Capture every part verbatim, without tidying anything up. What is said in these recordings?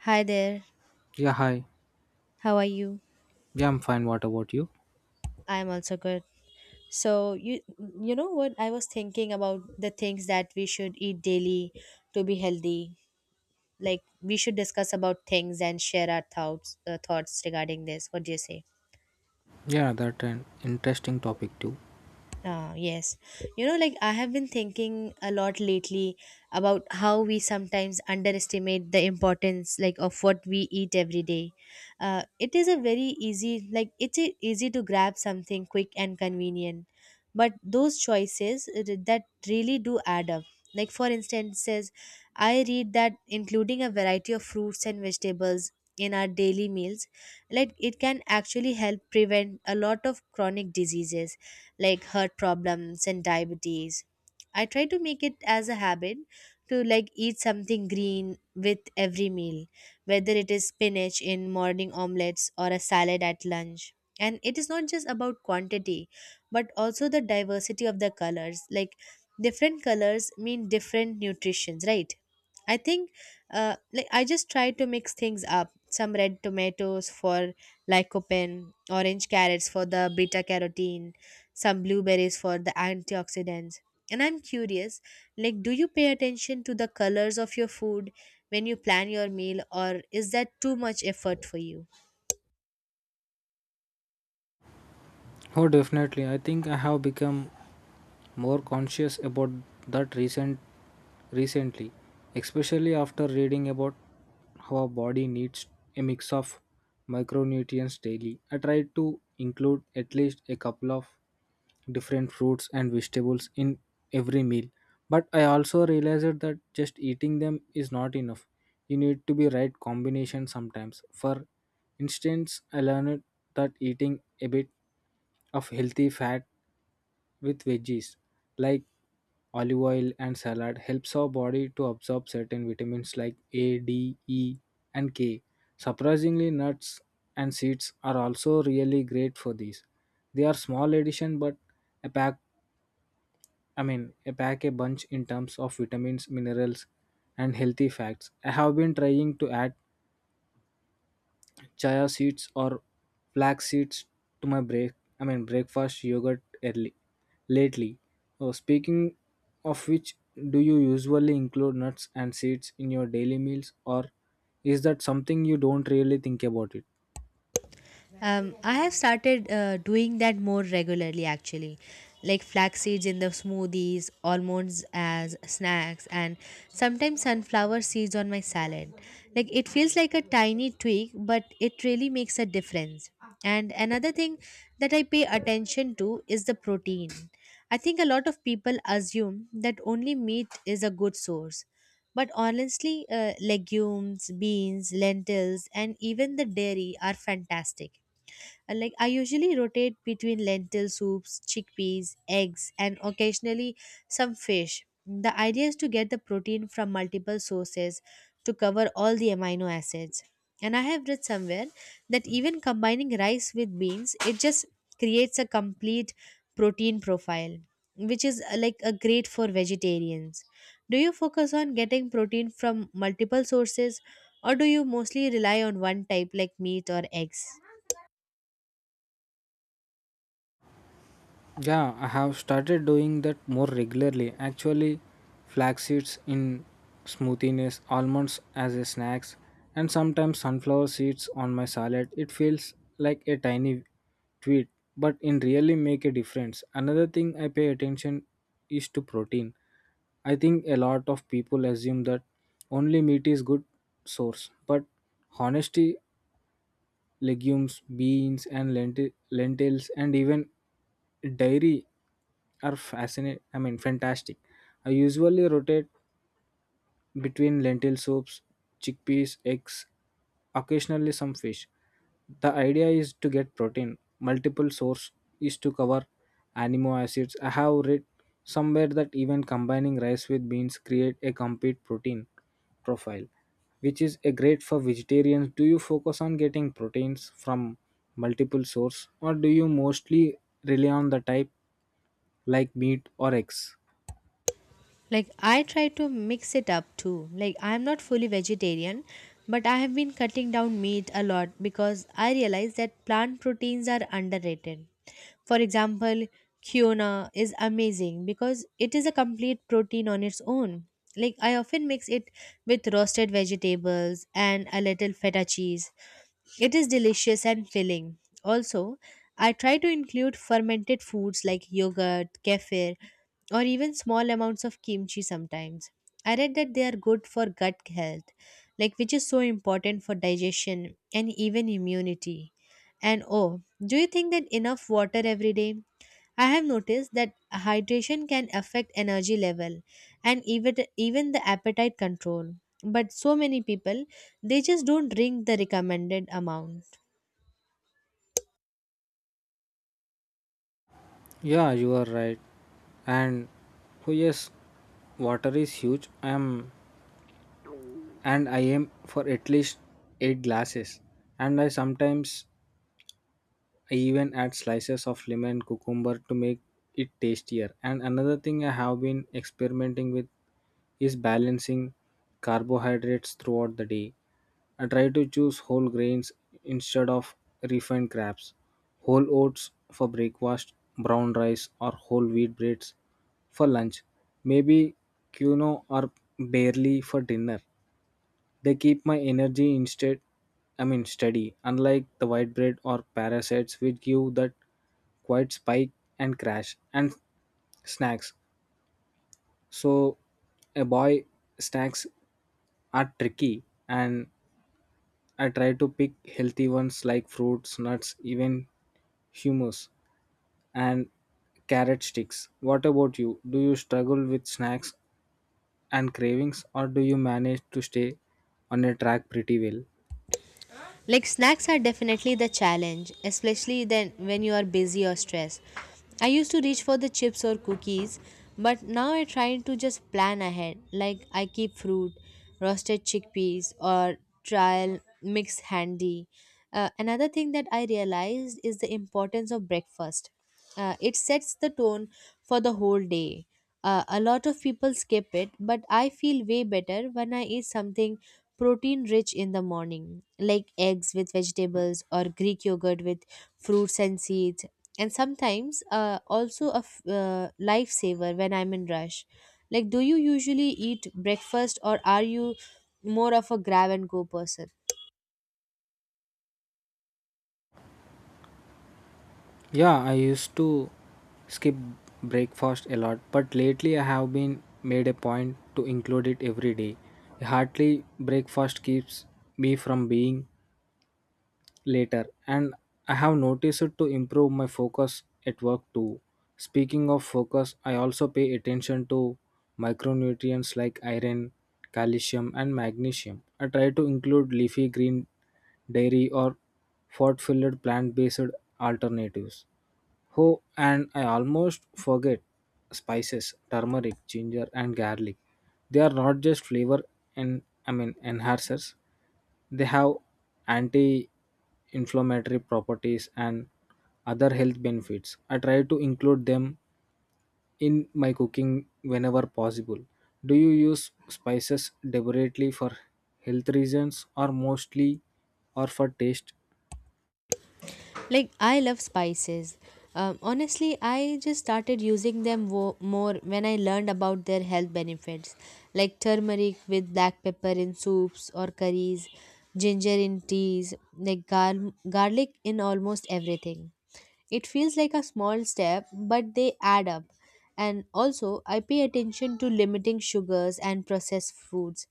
Hi there. Yeah, hi. How are you? Yeah, I'm fine. What about you? I'm also good. So you you know what I was thinking about the things that we should eat daily to be healthy. Like we should discuss about things and share our thoughts uh, thoughts regarding this. What do you say? Yeah, that's an interesting topic too. Uh, yes. You know, like I have been thinking a lot lately about how we sometimes underestimate the importance like of what we eat every day. Uh, it is a very easy like it's e- easy to grab something quick and convenient. But those choices uh, that really do add up. Like for instance, I read that including a variety of fruits and vegetables in our daily meals like it can actually help prevent a lot of chronic diseases like heart problems and diabetes. I try to make it as a habit to like eat something green with every meal, whether it is spinach in morning omelets or a salad at lunch. And it is not just about quantity, but also the diversity of the colors. Like different colors mean different nutritions, right? I think uh, like I just try to mix things up. Some red tomatoes for lycopene, orange carrots for the beta carotene, some blueberries for the antioxidants. And I'm curious, like do you pay attention to the colors of your food when you plan your meal or is that too much effort for you? Oh, definitely. I think I have become more conscious about that recent recently, especially after reading about how our body needs a mix of micronutrients daily. I try to include at least a couple of different fruits and vegetables in every meal. But I also realized that just eating them is not enough. You need to be right combination sometimes. For instance, I learned that eating a bit of healthy fat with veggies like olive oil and salad helps our body to absorb certain vitamins like A, D, E, and K. Surprisingly, nuts and seeds are also really great for these. They are small addition, but a pack, I mean, a pack a bunch in terms of vitamins, minerals, and healthy fats. I have been trying to add chia seeds or flax seeds to my break I mean breakfast yogurt early lately. Oh, speaking of which, do you usually include nuts and seeds in your daily meals or is that something you don't really think about it? Um, I have started uh, doing that more regularly actually, like flax seeds in the smoothies, almonds as snacks, and sometimes sunflower seeds on my salad. Like it feels like a tiny tweak, but it really makes a difference. And another thing that I pay attention to is the protein. I think a lot of people assume that only meat is a good source. But honestly, uh, legumes, beans, lentils, and even the dairy are fantastic. Uh, Like I usually rotate between lentil soups, chickpeas, eggs, and occasionally some fish. The idea is to get the protein from multiple sources to cover all the amino acids. And I have read somewhere that even combining rice with beans, it just creates a complete protein profile, which is uh, like a great for vegetarians. Do you focus on getting protein from multiple sources or do you mostly rely on one type like meat or eggs? Yeah, I have started doing that more regularly. Actually, flax seeds in smoothies, almonds as a snacks, and sometimes sunflower seeds on my salad. It feels like a tiny tweet, but in really make a difference. Another thing I pay attention is to protein. I think a lot of people assume that only meat is good source, but honesty legumes beans and lenti- lentils and even dairy are fascinating I mean fantastic. I usually rotate between lentil soups, chickpeas, eggs, occasionally some fish. The idea is to get protein. Multiple source is to cover amino acids. I have read somewhere that even combining rice with beans create a complete protein profile, which is a great for vegetarians. Do you focus on getting proteins from multiple source or do you mostly rely on the type like meat or eggs? Like I try to mix it up too. Like I'm not fully vegetarian, but I have been cutting down meat a lot because I realize that plant proteins are underrated. For example, quinoa is amazing because it is a complete protein on its own. Like I often mix it with roasted vegetables and a little feta cheese it is delicious and filling. Also, I try to include fermented foods like yogurt, kefir, or even small amounts of kimchi sometimes. I read that they are good for gut health, like which is so important for digestion and even immunity. And oh, do you think that enough water every day? I have noticed that hydration can affect energy level and even even the appetite control, but so many people they just don't drink the recommended amount. Yeah, you are right. And oh yes, water is huge. I am and I am for at least eight glasses. And I sometimes I even add slices of lemon cucumber to make it tastier. And another thing I have been experimenting with is balancing carbohydrates throughout the day. I try to choose whole grains instead of refined crabs, whole oats for breakfast, brown rice or whole wheat breads for lunch, maybe quinoa or barley for dinner. They keep my energy instead I mean steady, unlike the white bread or parasites which give that quite spike and crash and snacks. So a boy snacks are tricky and I try to pick healthy ones like fruits, nuts, even hummus and carrot sticks. What about you? Do you struggle with snacks and cravings or do you manage to stay on a track pretty well? Like snacks are definitely the challenge, especially then when you are busy or stressed. I used to reach for the chips or cookies, but now I try to just plan ahead. Like I keep fruit, roasted chickpeas, or trial mix handy. Uh, another thing that I realized is the importance of breakfast. Uh, it sets the tone for the whole day. Uh, a lot of people skip it, but I feel way better when I eat something protein rich in the morning, like eggs with vegetables or Greek yogurt with fruits and seeds. And sometimes uh, also a f- uh, lifesaver when I'm in rush. Like, do you usually eat breakfast or are you more of a grab and go person? Yeah, I used to skip breakfast a lot, but lately I have been made a point to include it every day. A hearty breakfast keeps me from being later, and I have noticed it to improve my focus at work too. Speaking of focus, I also pay attention to micronutrients like iron, calcium, and magnesium. I try to include leafy green, dairy, or fat filled plant based alternatives. Oh, and I almost forget, spices, turmeric, ginger, and garlic, they are not just flavor and I mean enhancers. They have anti-inflammatory properties and other health benefits. I try to include them in my cooking whenever possible. Do you use spices deliberately for health reasons or mostly or for taste? Like, I love spices. Um, honestly, I just started using them wo- more when I learned about their health benefits, like turmeric with black pepper in soups or curries, ginger in teas, like gar- garlic in almost everything. It feels like a small step, but they add up. And also, I pay attention to limiting sugars and processed foods.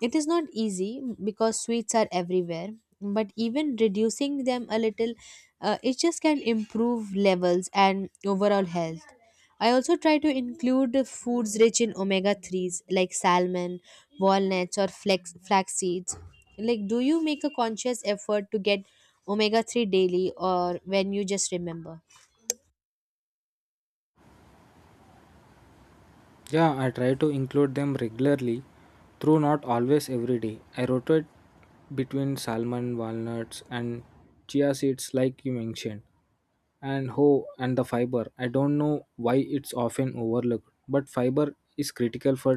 It is not easy because sweets are everywhere, but even reducing them a little, uh, it just can improve levels and overall health. I also try to include foods rich in omega threes like salmon, walnuts, or flax, flax seeds. Like, do you make a conscious effort to get omega three daily or when you just remember? Yeah, I try to include them regularly, through not always every day. I rotate between salmon, walnuts, and chia seeds, like you mentioned. and how and the fiber, I don't know why it's often overlooked, but fiber is critical for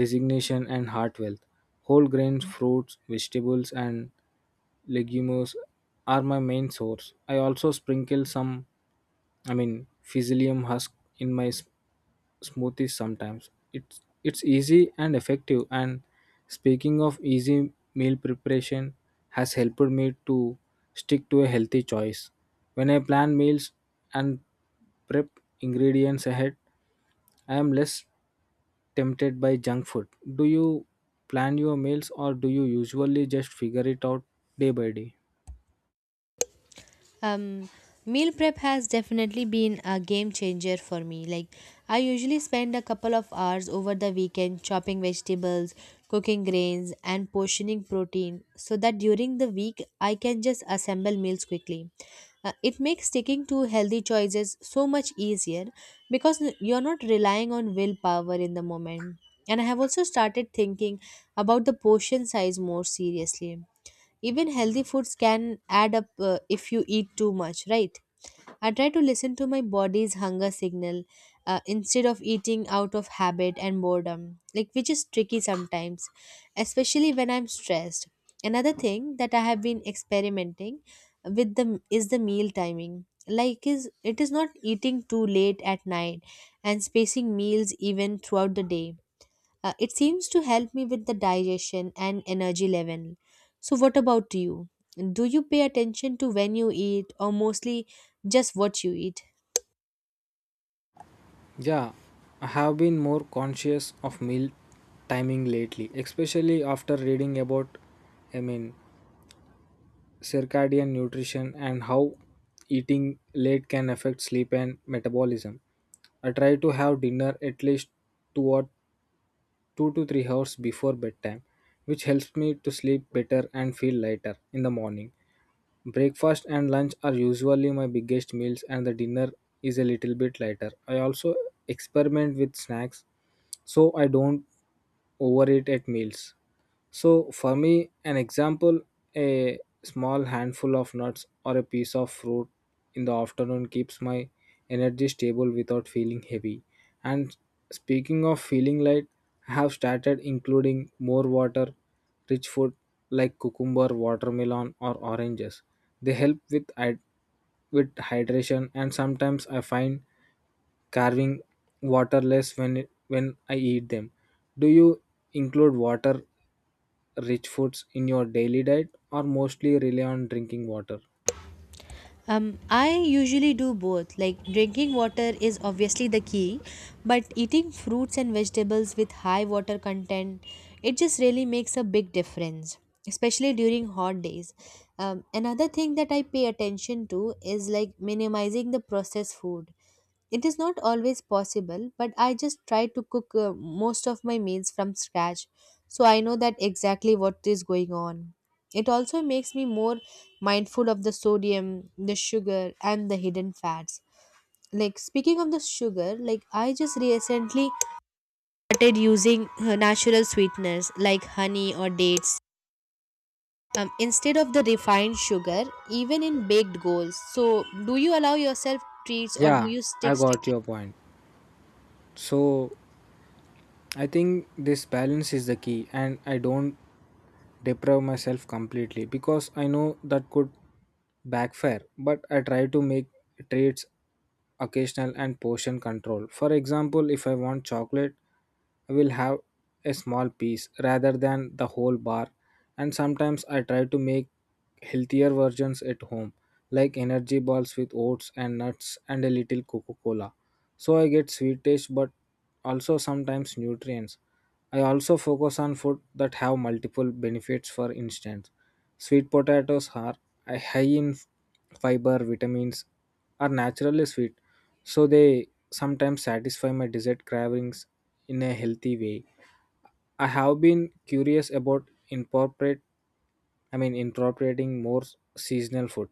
designation and heart health. Whole grains, fruits, vegetables, and legumes are my main source. I also sprinkle some, I mean, Physium husk in my s- smoothies sometimes. It's it's easy and effective. And speaking of easy, meal preparation has helped me to stick to a healthy choice. When I plan meals and prep ingredients ahead, I am less tempted by junk food. Do you plan your meals or do you usually just figure it out day by day? Um, Meal prep has definitely been a game changer for me. Like, I usually spend a couple of hours over the weekend chopping vegetables, cooking grains, and portioning protein so that during the week I can just assemble meals quickly. Uh, it makes sticking to healthy choices so much easier because n- you're not relying on willpower in the moment. And I have also started thinking about the portion size more seriously. Even healthy foods can add up uh, if you eat too much, right? I try to listen to my body's hunger signal uh, instead of eating out of habit and boredom, like which is tricky sometimes, especially when I'm stressed. Another thing that I have been experimenting with the is the meal timing, like is it is not eating too late at night and spacing meals even throughout the day. Uh, it seems to help me with the digestion and energy level. So, what about you? Do you pay attention to when you eat or mostly just what you eat? Yeah, I have been more conscious of meal timing lately, especially after reading about, I mean, circadian nutrition and how eating late can affect sleep and metabolism. I try to have dinner at least two or two to three hours before bedtime, which helps me to sleep better and feel lighter in the morning. Breakfast and lunch are usually my biggest meals, and the dinner is a little bit lighter. I also experiment with snacks so I don't overeat at meals. So for me, an example, a small handful of nuts or a piece of fruit in the afternoon keeps my energy stable without feeling heavy. And speaking of feeling light, I have started including more water rich food like cucumber, watermelon, or oranges. They help with hyd- with hydration, and sometimes I find carving waterless when it, when I eat them. Do you include water rich foods in your daily diet or mostly rely on drinking water? Um, I usually do both. Like drinking water is obviously the key, but eating fruits and vegetables with high water content, it just really makes a big difference, especially during hot days. Um, another thing that I pay attention to is like minimizing the processed food. It is not always possible, but I just try to cook uh, most of my meals from scratch, so I know that exactly what is going on. It also makes me more mindful of the sodium, the sugar, and the hidden fats. Like speaking of the sugar, like I just recently started using uh, natural sweeteners like honey or dates um, instead of the refined sugar, even in baked goals. So, do you allow yourself treats or do Yeah, you stick I got strictly? your point. So I think this balance is the key, and I don't deprive myself completely because I know that could backfire. But I try to make treats occasional and portion control. For example, if I want chocolate, will have a small piece rather than the whole bar. And sometimes I try to make healthier versions at home like energy balls with oats and nuts and a little coca-cola, so I get sweet taste but also sometimes nutrients. I also focus on food that have multiple benefits. For instance, sweet potatoes are uh, high in fiber, vitamins, are naturally sweet, so they sometimes satisfy my dessert cravings in a healthy way. I have been curious about incorporate I mean incorporating more seasonal food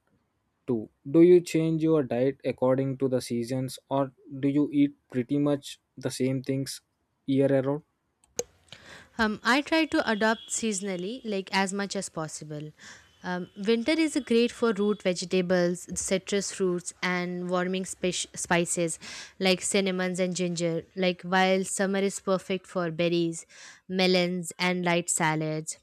too. Do you change your diet according to the seasons or do you eat pretty much the same things year around? Um, I try to adopt seasonally, like as much as possible. Um, winter is great for root vegetables, citrus fruits, and warming spish- spices like cinnamons and ginger. Like while summer is perfect for berries, melons, and light salads.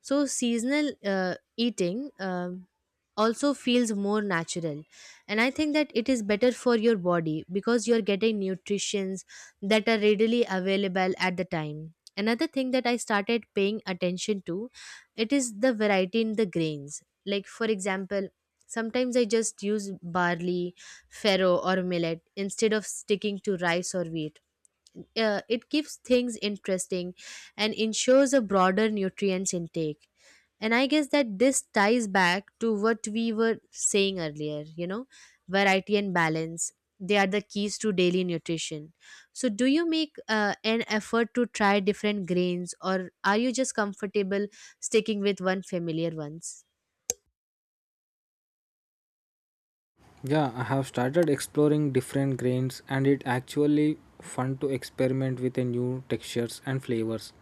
So seasonal uh, eating. Um, also feels more natural, and I think that it is better for your body because you're getting nutritions that are readily available at the time. Another thing that I started paying attention to, it is the variety in the grains. Like for example, sometimes I just use barley, farro, or millet instead of sticking to rice or wheat. Uh, it keeps things interesting and ensures a broader nutrients intake. And I guess that this ties back to what we were saying earlier, you know, variety and balance, they are the keys to daily nutrition. So, do you make uh, an effort to try different grains or are you just comfortable sticking with one familiar ones? Yeah, I have started exploring different grains and it actually fun to experiment with a new textures and flavors.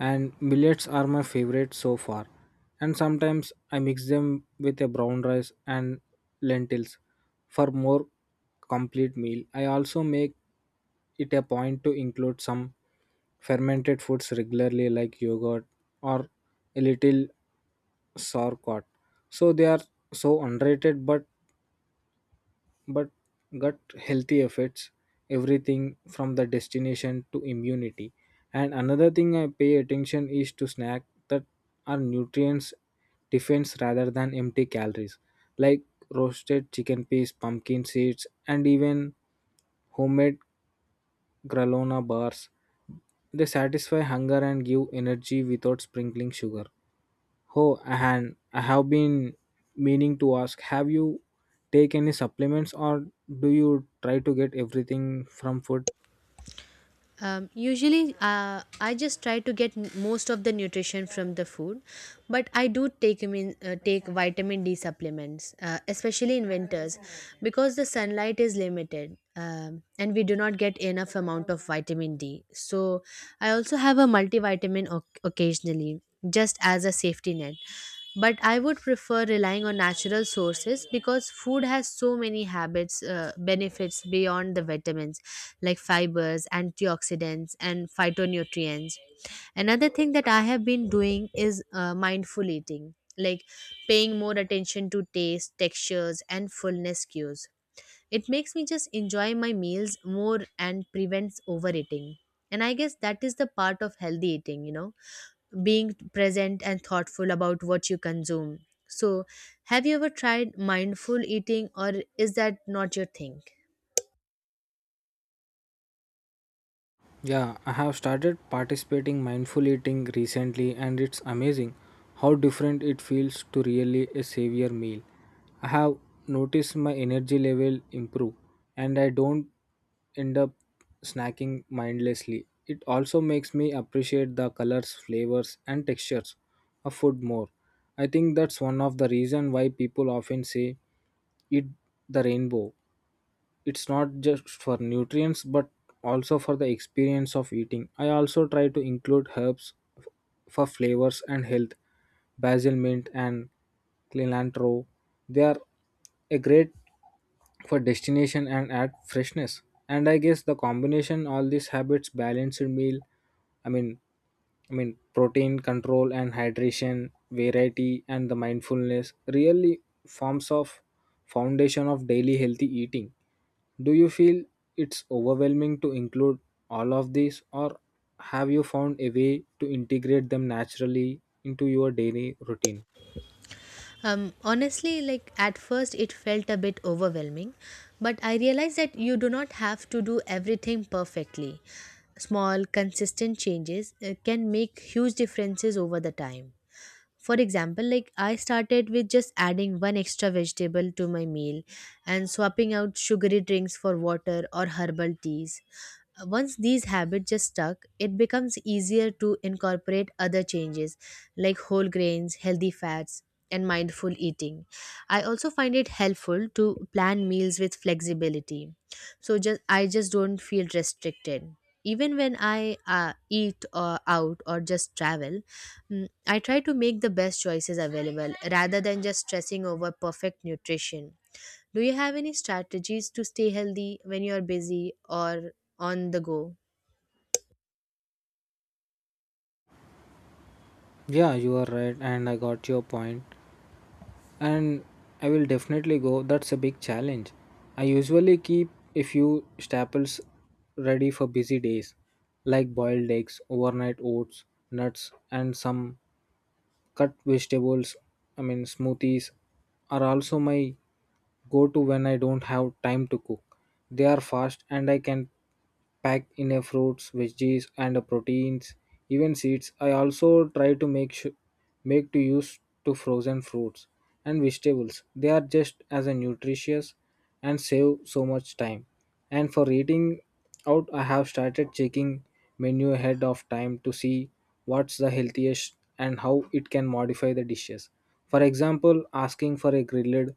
And millets are my favorite so far. And sometimes I mix them with a brown rice and lentils for more complete meal. I also make it a point to include some fermented foods regularly like yogurt or a little sauerkraut. So they are so underrated, but but gut healthy affects everything from the destination to immunity. And another thing I pay attention is to snack that are nutrients defense rather than empty calories, like roasted chicken peas, pumpkin seeds, and even homemade granola bars. They satisfy hunger and give energy without sprinkling sugar. Oh, and I have been meaning to ask, have you take any supplements or do you try to get everything from food? Um, usually, uh, I just try to get n- most of the nutrition from the food, but I do take min- uh, take vitamin D supplements, uh, especially in winters, because the sunlight is limited um, and we do not get enough amount of vitamin D. So I also have a multivitamin oc occasionally, just as a safety net. But I would prefer relying on natural sources because food has so many habits, uh, benefits beyond the vitamins like fibers, antioxidants, and phytonutrients. Another thing that I have been doing is uh, mindful eating, like paying more attention to taste, textures, and fullness cues. It makes me just enjoy my meals more and prevents overeating. And I guess that is the part of healthy eating, you know, being present and thoughtful about what you consume. So, have you ever tried mindful eating or is that not your thing? Yeah, I have started participating mindful eating recently and it's amazing how different it feels to really a savior meal. I have noticed my energy level improve and I don't end up snacking mindlessly. It also makes me appreciate the colors, flavors, and textures of food more. I think that's one of the reason why people often say eat the rainbow. It's not just for nutrients but also for the experience of eating. I also try to include herbs f- for flavors and health. Basil, mint, and cilantro, they are a great for destination and add freshness. And I guess the combination all these habits, balanced meal, i mean I mean, protein control and hydration, variety, and the mindfulness really forms of foundation of daily healthy eating. Do you feel it's overwhelming to include all of these or have you found a way to integrate them naturally into your daily routine? Um, honestly, like at first it felt a bit overwhelming, but I realized that you do not have to do everything perfectly. Small, consistent changes uh, can make huge differences over the time. For example, like I started with just adding one extra vegetable to my meal and swapping out sugary drinks for water or herbal teas. Once these habits just stuck, it becomes easier to incorporate other changes like whole grains, healthy fats, and mindful eating. I also find it helpful to plan meals with flexibility, so just I just don't feel restricted even when I uh, eat or out or just travel. mm, I try to make the best choices available rather than just stressing over perfect nutrition. Do you have any strategies to stay healthy when you're busy or on the go? Yeah, you are right and I got your point. And I will definitely go. That's a big challenge. I usually keep a few staples ready for busy days, like boiled eggs, overnight oats, nuts, and some cut vegetables. I mean, smoothies are also my go to when I don't have time to cook. They are fast and I can packed in a fruits, veggies, and a proteins, even seeds. I also try to make su make to use to frozen fruits and vegetables. They are just as a nutritious and save so much time. And for eating out, I have started checking menu ahead of time to see what's the healthiest and how it can modify the dishes. For example, asking for a grilled,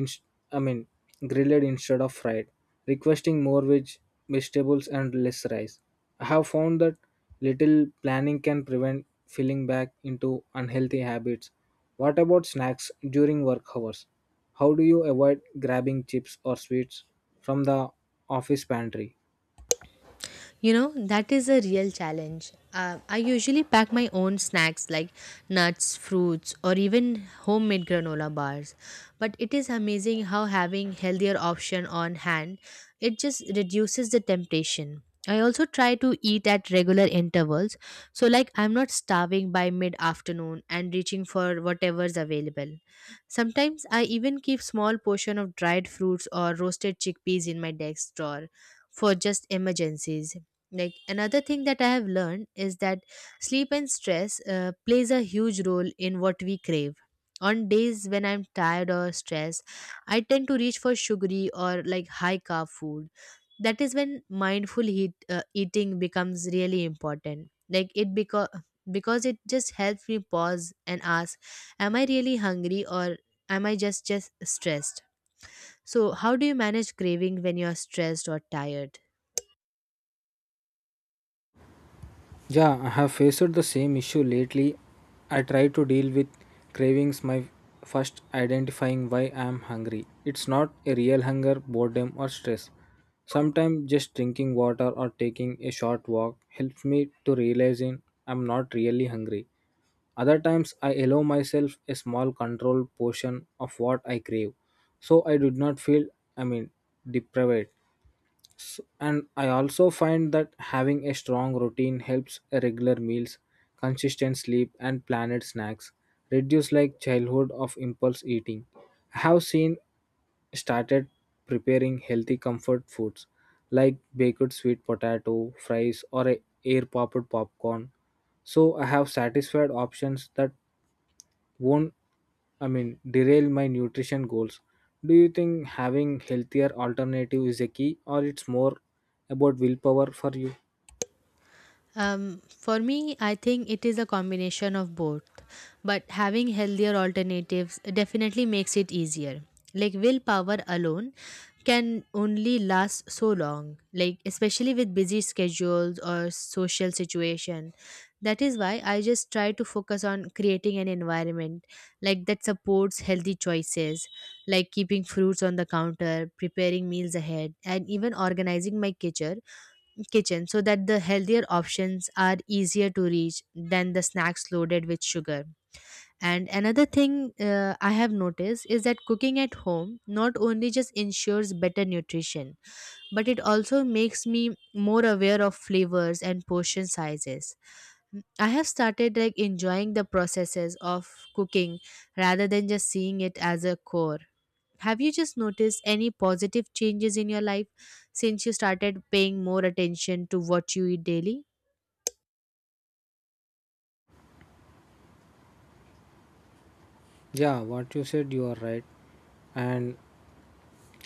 inst- I mean grilled instead of fried, requesting more veg, vegetables and less rice. I have found that little planning can prevent falling back into unhealthy habits. What about snacks during work hours? How do you avoid grabbing chips or sweets from the office pantry? You know, that is a real challenge. Uh, I usually pack my own snacks like nuts, fruits, or even homemade granola bars. But it is amazing how having healthier option on hand, it just reduces the temptation. I also try to eat at regular intervals, so like I'm not starving by mid-afternoon and reaching for whatever's available. Sometimes I even keep small portion of dried fruits or roasted chickpeas in my desk drawer for just emergencies. Like another thing that I have learned is that sleep and stress uh, plays a huge role in what we crave. On days when I'm tired or stressed, I tend to reach for sugary or like high carb food. That is when mindful heat, uh, eating becomes really important, like it because because it just helps me pause and ask, am I really hungry or am i just just stressed? So how do you manage craving when you're stressed or tired? Yeah, I have faced the same issue lately. I try to deal with cravings my first identifying why I am hungry. It's not a real hunger, boredom, or stress. Sometimes just drinking water or taking a short walk helps me to realizing I'm not really hungry. Other times I allow myself a small controlled portion of what I crave, so I do not feel I mean deprived. S- and I also find that having a strong routine helps: regular meals, consistent sleep, and planned snacks reduce like childhood of impulse eating. I have seen started preparing healthy comfort foods, like baked sweet potato fries or a air popped popcorn, so I have satisfied options that won't, I mean, derail my nutrition goals. Do you think having healthier alternative is a key, or it's more about willpower for you? Um, for me, I think it is a combination of both, but having healthier alternatives definitely makes it easier. Like willpower alone can only last so long, like especially with busy schedules or social situation. That is why I just try to focus on creating an environment like that supports healthy choices, like keeping fruits on the counter, preparing meals ahead, and even organizing my kitchen kitchen so that the healthier options are easier to reach than the snacks loaded with sugar. And another thing uh, I have noticed is that cooking at home not only just ensures better nutrition, but it also makes me more aware of flavors and portion sizes. I have started like enjoying the processes of cooking rather than just seeing it as a chore. Have you just noticed any positive changes in your life since you started paying more attention to what you eat daily? Yeah, what you said, you are right. And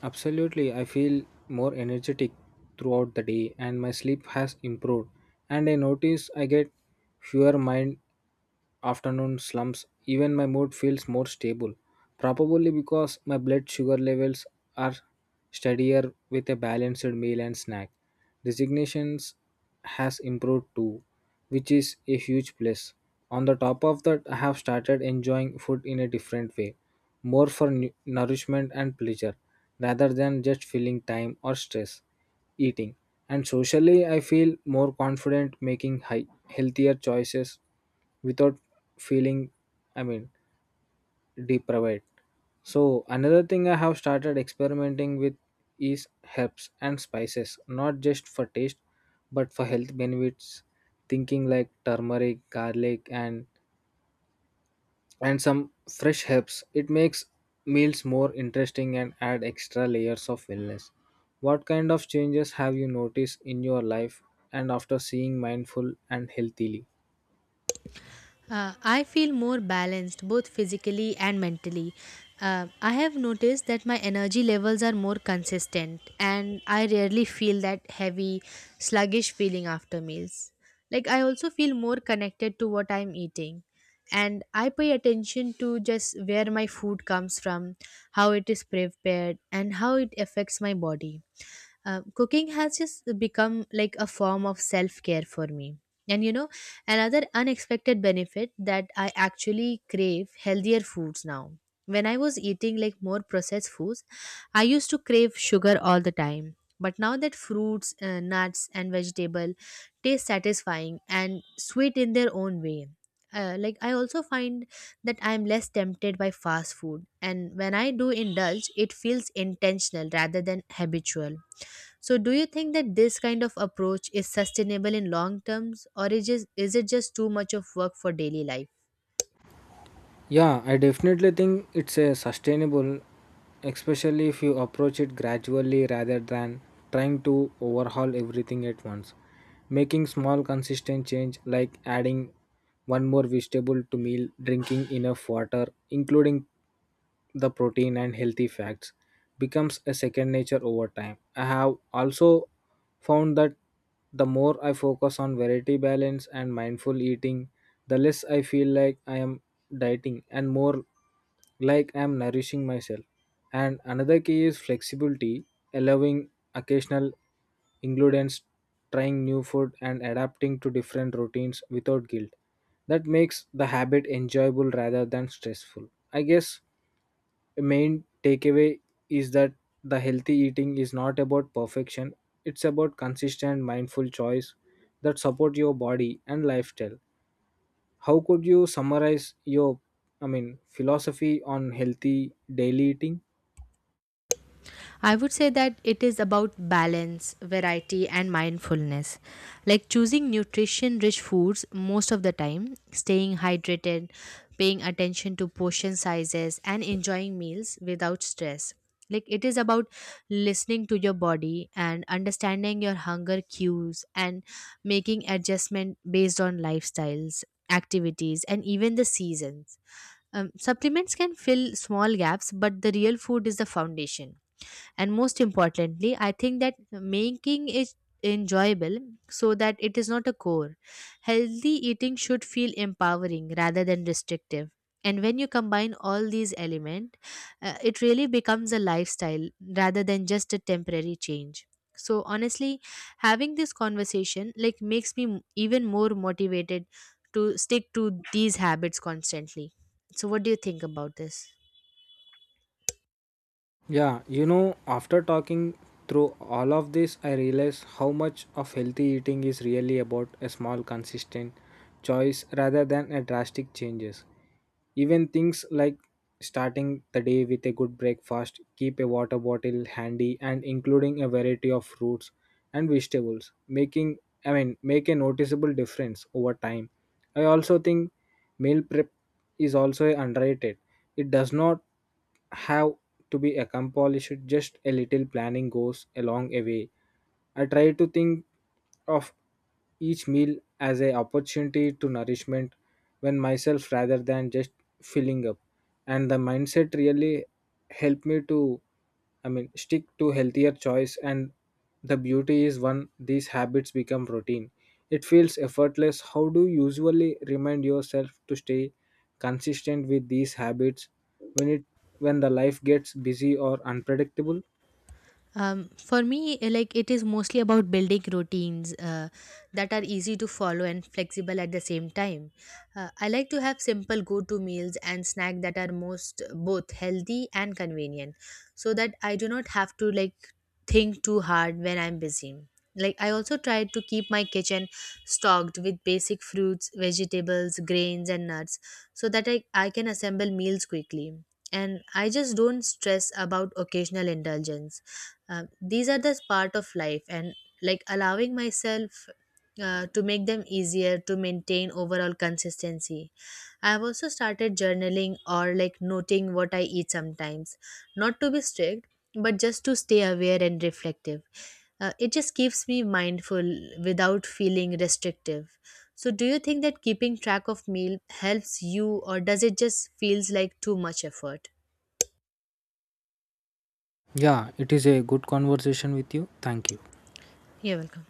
absolutely, I feel more energetic throughout the day and my sleep has improved. And I notice I get fewer mind afternoon slumps, even my mood feels more stable. Probably because my blood sugar levels are steadier with a balanced meal and snack. Designations has improved too, which is a huge plus. On the top of that, I have started enjoying food in a different way, more for nu- nourishment and pleasure, rather than just filling time or stress eating. And socially, I feel more confident making high, healthier choices without feeling i mean deprived. So another thing I have started experimenting with is herbs and spices, not just for taste but for health benefits. Thinking like turmeric, garlic, and and some fresh herbs, it makes meals more interesting and add extra layers of wellness. What kind of changes have you noticed in your life and after seeing mindful and healthily? Uh, I feel more balanced both physically and mentally. Uh, I have noticed that my energy levels are more consistent and I rarely feel that heavy, sluggish feeling after meals. Like, I also feel more connected to what I'm eating and I pay attention to just where my food comes from, how it is prepared, and how it affects my body. Uh, cooking has just become like a form of self care for me. And you know, another unexpected benefit that I actually crave healthier foods now. When I was eating like more processed foods, I used to crave sugar all the time. But now that fruits, uh, nuts, and vegetable taste satisfying and sweet in their own way, uh, like I also find that I am less tempted by fast food. And when I do indulge, it feels intentional rather than habitual. So do you think that this kind of approach is sustainable in long terms or is just, is it just too much of work for daily life? Yeah, I definitely think it's a sustainable, especially if you approach it gradually rather than trying to overhaul everything at once. Making small consistent change like adding one more vegetable to meal, drinking enough water, including the protein and healthy fats becomes a second nature over time. I have also found that the more I focus on variety balance and mindful eating, the less I feel like I am dieting and more like I am nourishing myself. And another key is flexibility, allowing occasional ingredients, trying new food, and adapting to different routines without guilt. That makes the habit enjoyable rather than stressful. I guess main takeaway is that the healthy eating is not about perfection, it's about consistent mindful choice that support your body and lifestyle. How could you summarize your i mean philosophy on healthy daily eating? I would say that it is about balance, variety, and mindfulness. Like choosing nutrition rich foods most of the time, staying hydrated, paying attention to portion sizes, and enjoying meals without stress. Like it is about listening to your body and understanding your hunger cues and making adjustment based on lifestyles, activities, and even the seasons. Um, supplements can fill small gaps, but the real food is the foundation. And most importantly, I think that making it enjoyable so that it is not a core. Healthy eating should feel empowering rather than restrictive. And when you combine all these elements, uh, it really becomes a lifestyle rather than just a temporary change. So honestly, having this conversation like makes me m- even more motivated to stick to these habits constantly. So, what do you think about this? Yeah, you know, after talking through all of this, I realize how much of healthy eating is really about a small, consistent choice rather than a drastic changes. Even things like starting the day with a good breakfast, keep a water bottle handy, and including a variety of fruits and vegetables, making I mean make a noticeable difference over time. I also think meal prep is also underrated. It does not have to be accomplished, just a little planning goes a long way. I try to think of each meal as an opportunity to nourishment when myself rather than just filling up, and the mindset really helped me to i mean stick to healthier choice. And the beauty is when these habits become routine, it feels effortless. How do you usually remind yourself to stay consistent with these habits when it when the life gets busy or unpredictable? Um, for me, eh, like it is mostly about building routines uh, that are easy to follow and flexible at the same time. Uh, I like to have simple go-to meals and snack that are most both healthy and convenient, so that I do not have to like think too hard when I'm busy. Like I also try to keep my kitchen stocked with basic fruits, vegetables, grains, and nuts, so that I, I can assemble meals quickly. And I just don't stress about occasional indulgence. Um, these are the part of life, and like allowing myself uh, to make them easier to maintain overall consistency. I have also started journaling or like noting what I eat sometimes, not to be strict, but just to stay aware and reflective. Uh, it just keeps me mindful without feeling restrictive. So, do you think that keeping track of meal helps you, or does it just feels like too much effort? Yeah, it is a good conversation with you. Thank you. You're welcome.